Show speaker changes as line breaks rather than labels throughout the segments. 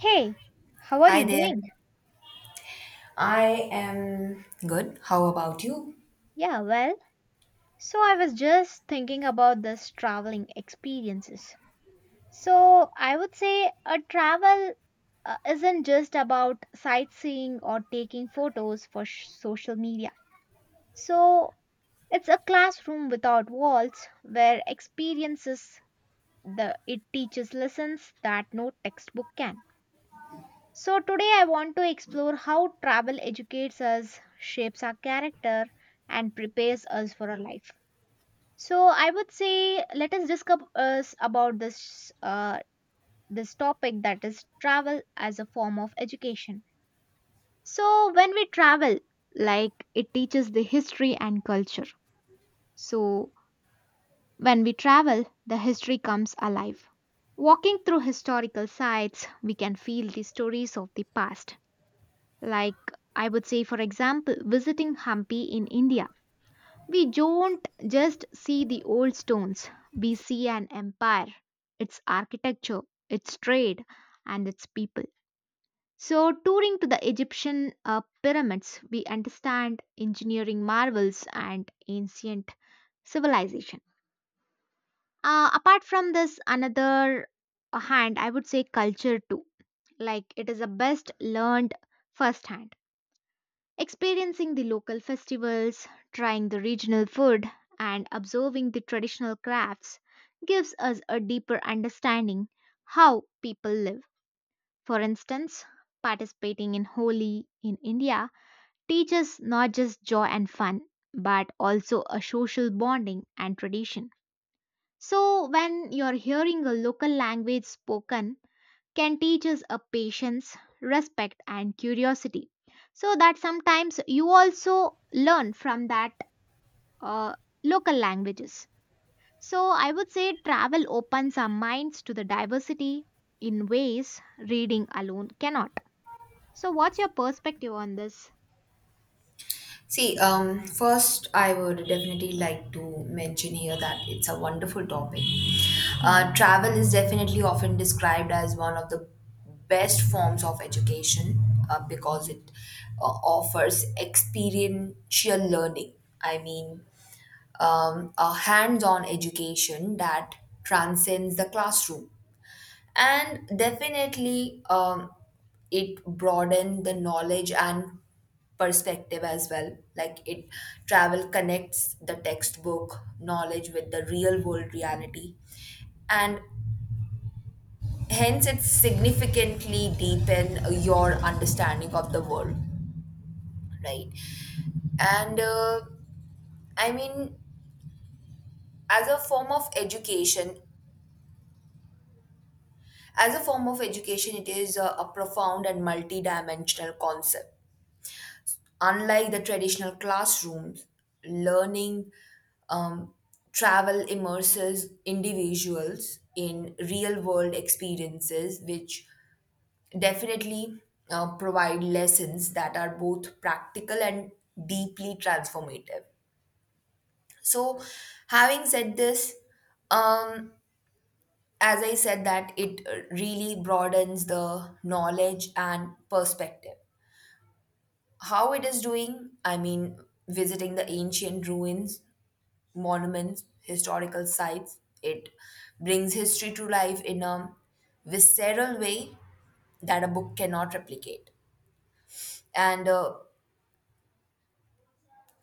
Hey, how are
Hi
you
there.
doing?
I am good. How about you?
Yeah, well, so I was just thinking about this traveling experiences. So I would say a travel isn't just about sightseeing or taking photos for social media. So it's a classroom without walls where experiences the it teaches lessons that no textbook can. So, today I want to explore how travel educates us, shapes our character, and prepares us for our life. So, I would say let us discuss about this topic, that is travel as a form of education. So, when we travel, like it teaches the history and culture. So, when we travel, the history comes alive. Walking through historical sites, we can feel the stories of the past. Like, I would say, for example, visiting Hampi in India. We don't just see the old stones, we see an empire, its architecture, its trade, and its people. So, touring to the Egyptian pyramids, we understand engineering marvels and ancient civilization. Apart from this, another hand, I would say culture too. Like, it is the best learned firsthand. Experiencing the local festivals, trying the regional food, and observing the traditional crafts gives us a deeper understanding how people live. For instance, participating in Holi in India teaches not just joy and fun, but also a social bonding and tradition. So, when you're hearing a local language spoken, can teach us a patience, respect, and curiosity. So that sometimes you also learn from that uh, local languages. So I would say travel opens our minds to the diversity in ways reading alone cannot. So what's your perspective on this?
See, first, I would definitely like to mention here that it's a wonderful topic.
Hmm.
Travel is definitely often described as one of the best forms of education because it offers experiential learning. I mean, a hands on education that transcends the classroom. And definitely, it broadened the knowledge and perspective as well, like it travel connects the textbook knowledge with the real world reality, and hence it significantly deepen your understanding of the world, right? And I mean, as a form of education as a form of education it is a profound and multidimensional concept. Unlike the traditional classrooms, learning, um, travel immerses individuals in real world experiences, which definitely provide lessons that are both practical and deeply transformative. So, having said this, um, as I said, that it really broadens the knowledge and perspective. How it is doing, I mean, visiting the ancient ruins, monuments, historical sites. It brings history to life in a visceral way that a book cannot replicate. And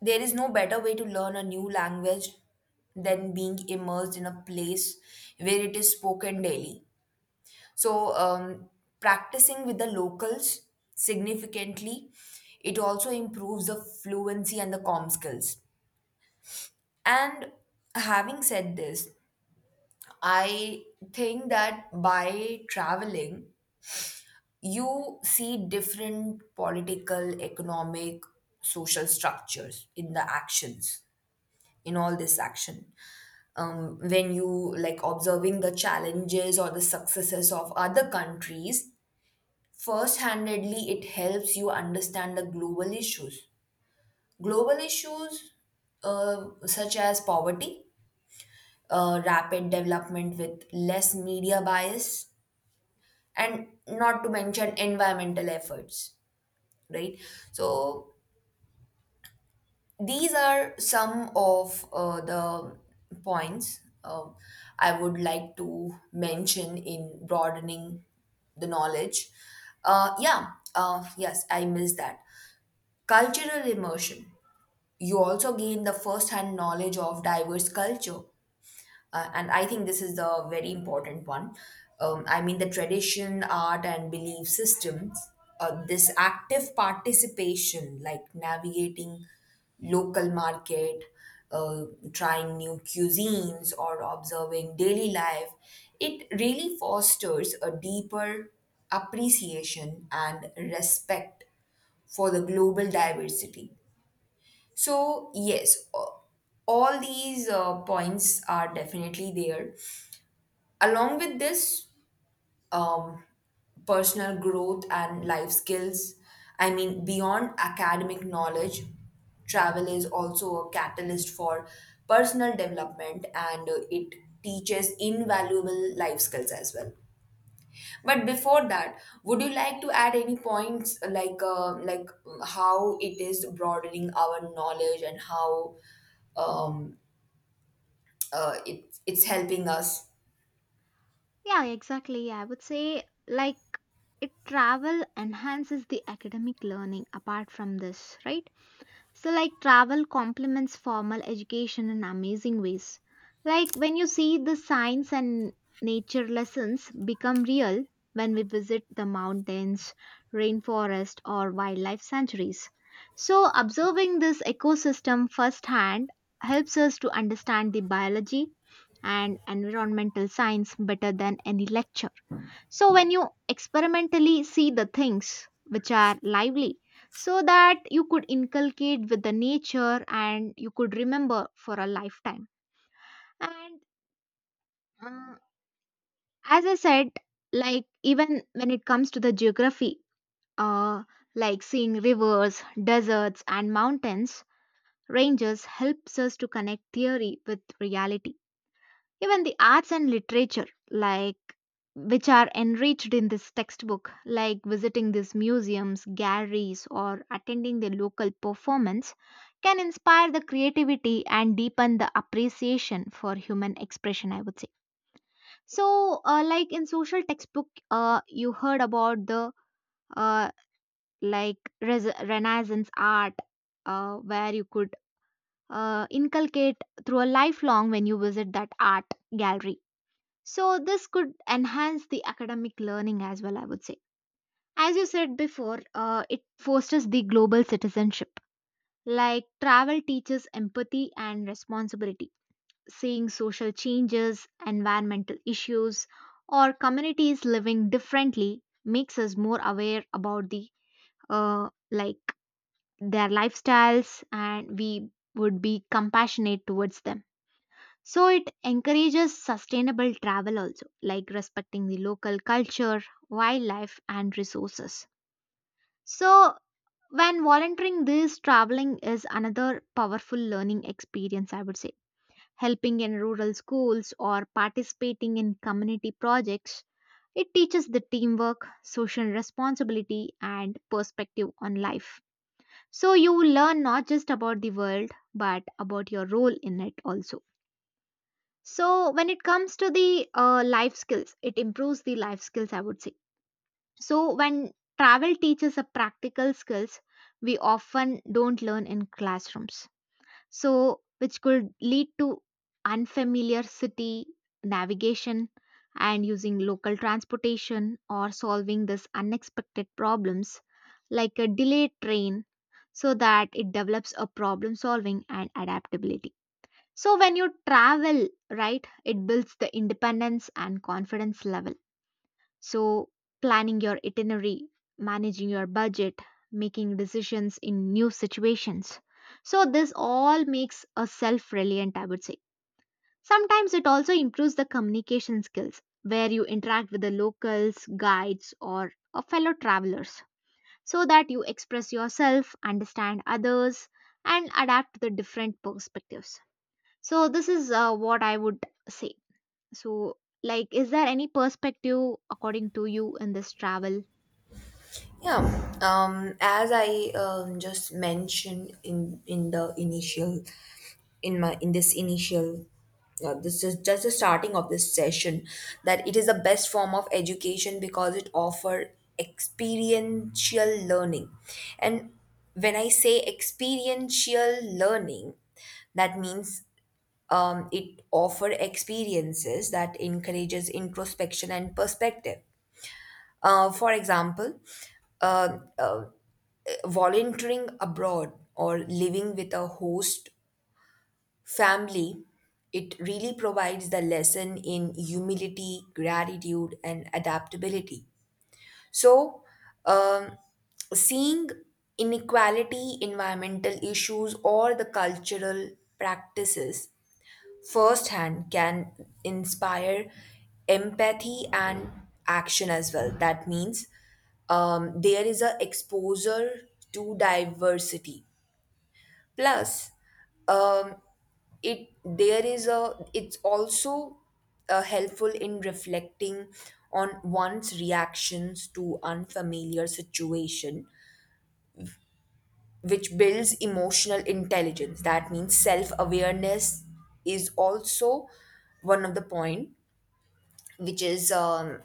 there is no better way to learn a new language than being immersed in a place where it is spoken daily. So, practicing with the locals significantly, it also improves the fluency and the com skills. And having said this, I think that by traveling, you see different political, economic, social structures in the actions, in all this action. When you, like, observing the challenges or the successes of other countries, first handedly, it helps you understand the global issues. Global issues such as poverty, rapid development with less media bias, and not to mention environmental efforts, right? So these are some of the points I would like to mention in broadening the knowledge. uh, yeah yes, I missed that, cultural immersion. You also gain the first hand knowledge of diverse culture, and I think this is the very important one. I mean, the tradition, art, and belief systems, this active participation, like navigating local market, uh, trying new cuisines, or observing daily life, it really fosters a deeper appreciation and respect for the global diversity. So, yes, all these points are definitely there. Along with this, um, personal growth and life skills, I mean, beyond academic knowledge, travel is also a catalyst for personal development, and it teaches invaluable life skills as well. But before that, would you like to add any points, like, how it is broadening our knowledge and how um, it's helping us?
Yeah, exactly. I would say like it travel enhances the academic learning apart from this, right? So, like, travel complements formal education in amazing ways. Like, when you see the science and nature lessons become real when we visit the mountains, rainforest, or wildlife sanctuaries. So, observing this ecosystem firsthand helps us to understand the biology and environmental science better than any lecture. So, when you experimentally see the things which are lively, so that you could inculcate with the nature and you could remember for a lifetime. And uh, as I said, like, even when it comes to the geography, uh, like seeing rivers, deserts, and mountains ranges helps us to connect theory with reality. Even the arts and literature, like, which are enriched in this textbook, like visiting these museums, galleries, or attending the local performance, can inspire the creativity and deepen the appreciation for human expression, I would say. So, like in social textbook, you heard about the uh, like Renaissance art, where you could inculcate through a lifelong when you visit that art gallery, so, this could enhance the academic learning as well, I would say. As you said before, it fosters the global citizenship. Like travel teaches empathy and responsibility, seeing social changes, environmental issues, or communities living differently makes us more aware about the uh, like their lifestyles and we would be compassionate towards them. So it encourages sustainable travel also, like respecting the local culture, wildlife, and resources. So when volunteering, this traveling is another powerful learning experience, I would say. Helping in rural schools or participating in community projects, it teaches the teamwork, social responsibility, and perspective on life. So you learn not just about the world, but about your role in it also. So when it comes to the life skills, it improves the life skills, I would say. So when travel teaches a practical skills, we often don't learn in classrooms. So which could lead to unfamiliar city navigation and using local transportation or solving this unexpected problems like a delayed train, so that it develops a problem solving and adaptability. So when you travel, right, it builds the independence and confidence level. So planning your itinerary, managing your budget, making decisions in new situations. So this all makes a self-reliant, I would say. Sometimes it also improves the communication skills where you interact with the locals, guides, or fellow travelers so that you express yourself, understand others, and adapt to the different perspectives. So this is what I would say. So, like, is there any perspective according to you in this travel?
Yeah, as I just mentioned in the initial, in my in this initial, this is just the starting of this session, that it is the best form of education because it offers experiential learning, and when I say experiential learning, that means it offers experiences that encourages introspection and perspective. For example, uh, uh, volunteering abroad or living with a host family, it really provides the lesson in humility, gratitude, and adaptability. So, um, seeing inequality, environmental issues, or the cultural practices firsthand can inspire empathy and action as well. That means there is a exposure to diversity. Plus, um, it there is a it's also helpful in reflecting on one's reactions to unfamiliar situation, which builds emotional intelligence. That means self awareness is also one of the point which is,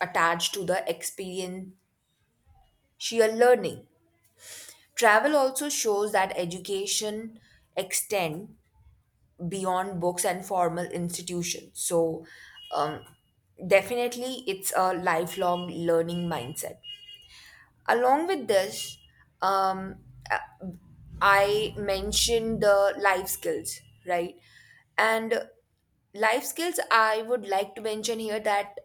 attached to the experiential learning. Travel also shows that education extend beyond books and formal institutions. So, um, definitely, it's a lifelong learning mindset. Along with this, um, uh, I mentioned the life skills, right? And life skills, I would like to mention here that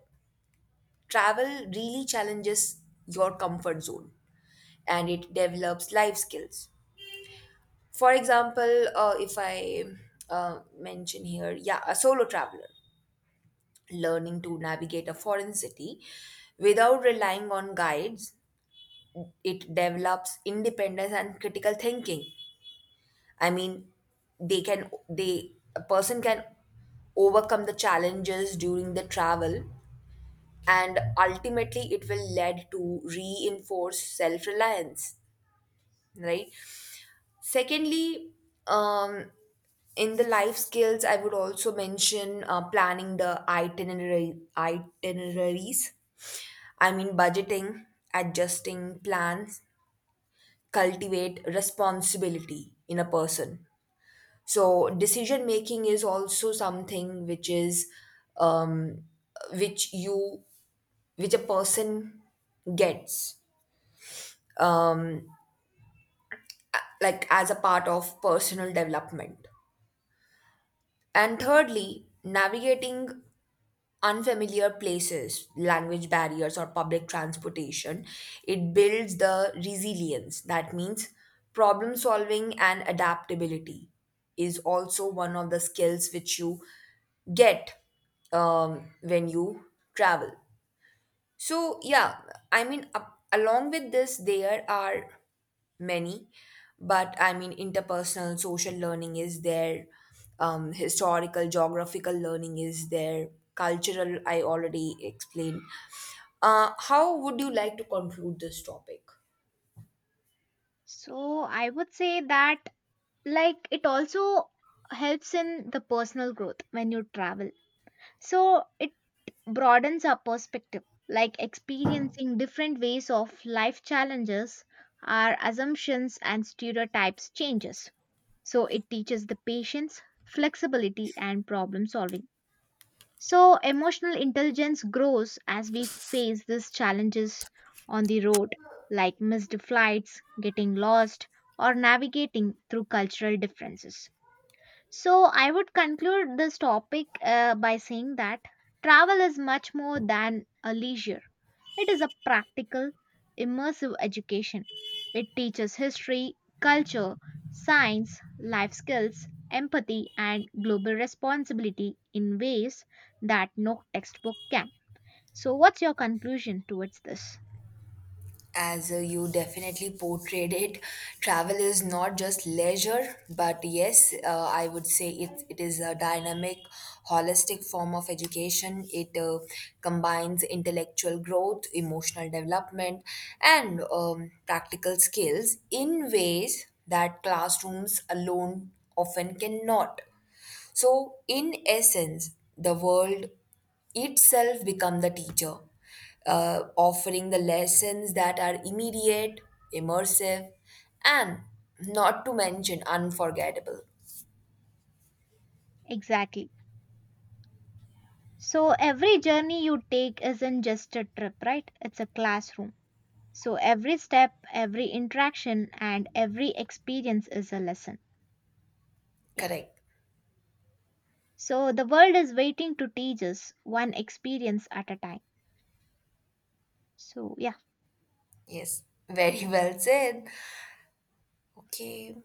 travel really challenges your comfort zone and it develops life skills. For example, if I mention here, yeah, a solo traveler learning to navigate a foreign city without relying on guides, it develops independence and critical thinking. I mean, they can they a person can overcome the challenges during the travel, and ultimately it will lead to reinforce self-reliance, right? Secondly, um in the life skills I would also mention planning the itinerary itineraries. I mean, budgeting, adjusting plans, cultivate responsibility in a person. So, decision making is also something which is, um, which you, which a person gets, um, like as a part of personal development. And thirdly, navigating unfamiliar places, language barriers, or public transportation, it builds the resilience. That means problem solving and adaptability is also one of the skills which you get when you travel. So, yeah, I mean, along with this, there are many, but I mean, interpersonal social learning is there, historical, geographical learning is there, cultural, I already explained. How would you like to conclude this topic?
So I would say that like it also helps in the personal growth when you travel. So it broadens our perspective, like experiencing different ways of life challenges, our assumptions and stereotypes changes. So it teaches the patience, flexibility, and problem solving. So, emotional intelligence grows as we face these challenges on the road, like missed flights, getting lost, or navigating through cultural differences. So, I would conclude this topic by saying that travel is much more than a leisure, it is a practical, immersive education. It teaches history, culture, science, life skills, empathy, and global responsibility in ways that no textbook can. So, what's your conclusion towards this?
As you definitely portrayed it, travel is not just leisure, but yes, I would say it is a dynamic, holistic form of education. It combines intellectual growth, emotional development, and practical skills in ways that classrooms alone often cannot. So, in essence, the world itself become the teacher, offering the lessons that are immediate, immersive, and not to mention unforgettable.
Exactly. So, every journey you take isn't just a trip, right? It's a classroom. So, every step, every interaction, and every experience is a lesson. Yeah.
Correct.
So the world is waiting to teach us one experience at a time. So, yeah.
Yes. Very well said. Okay.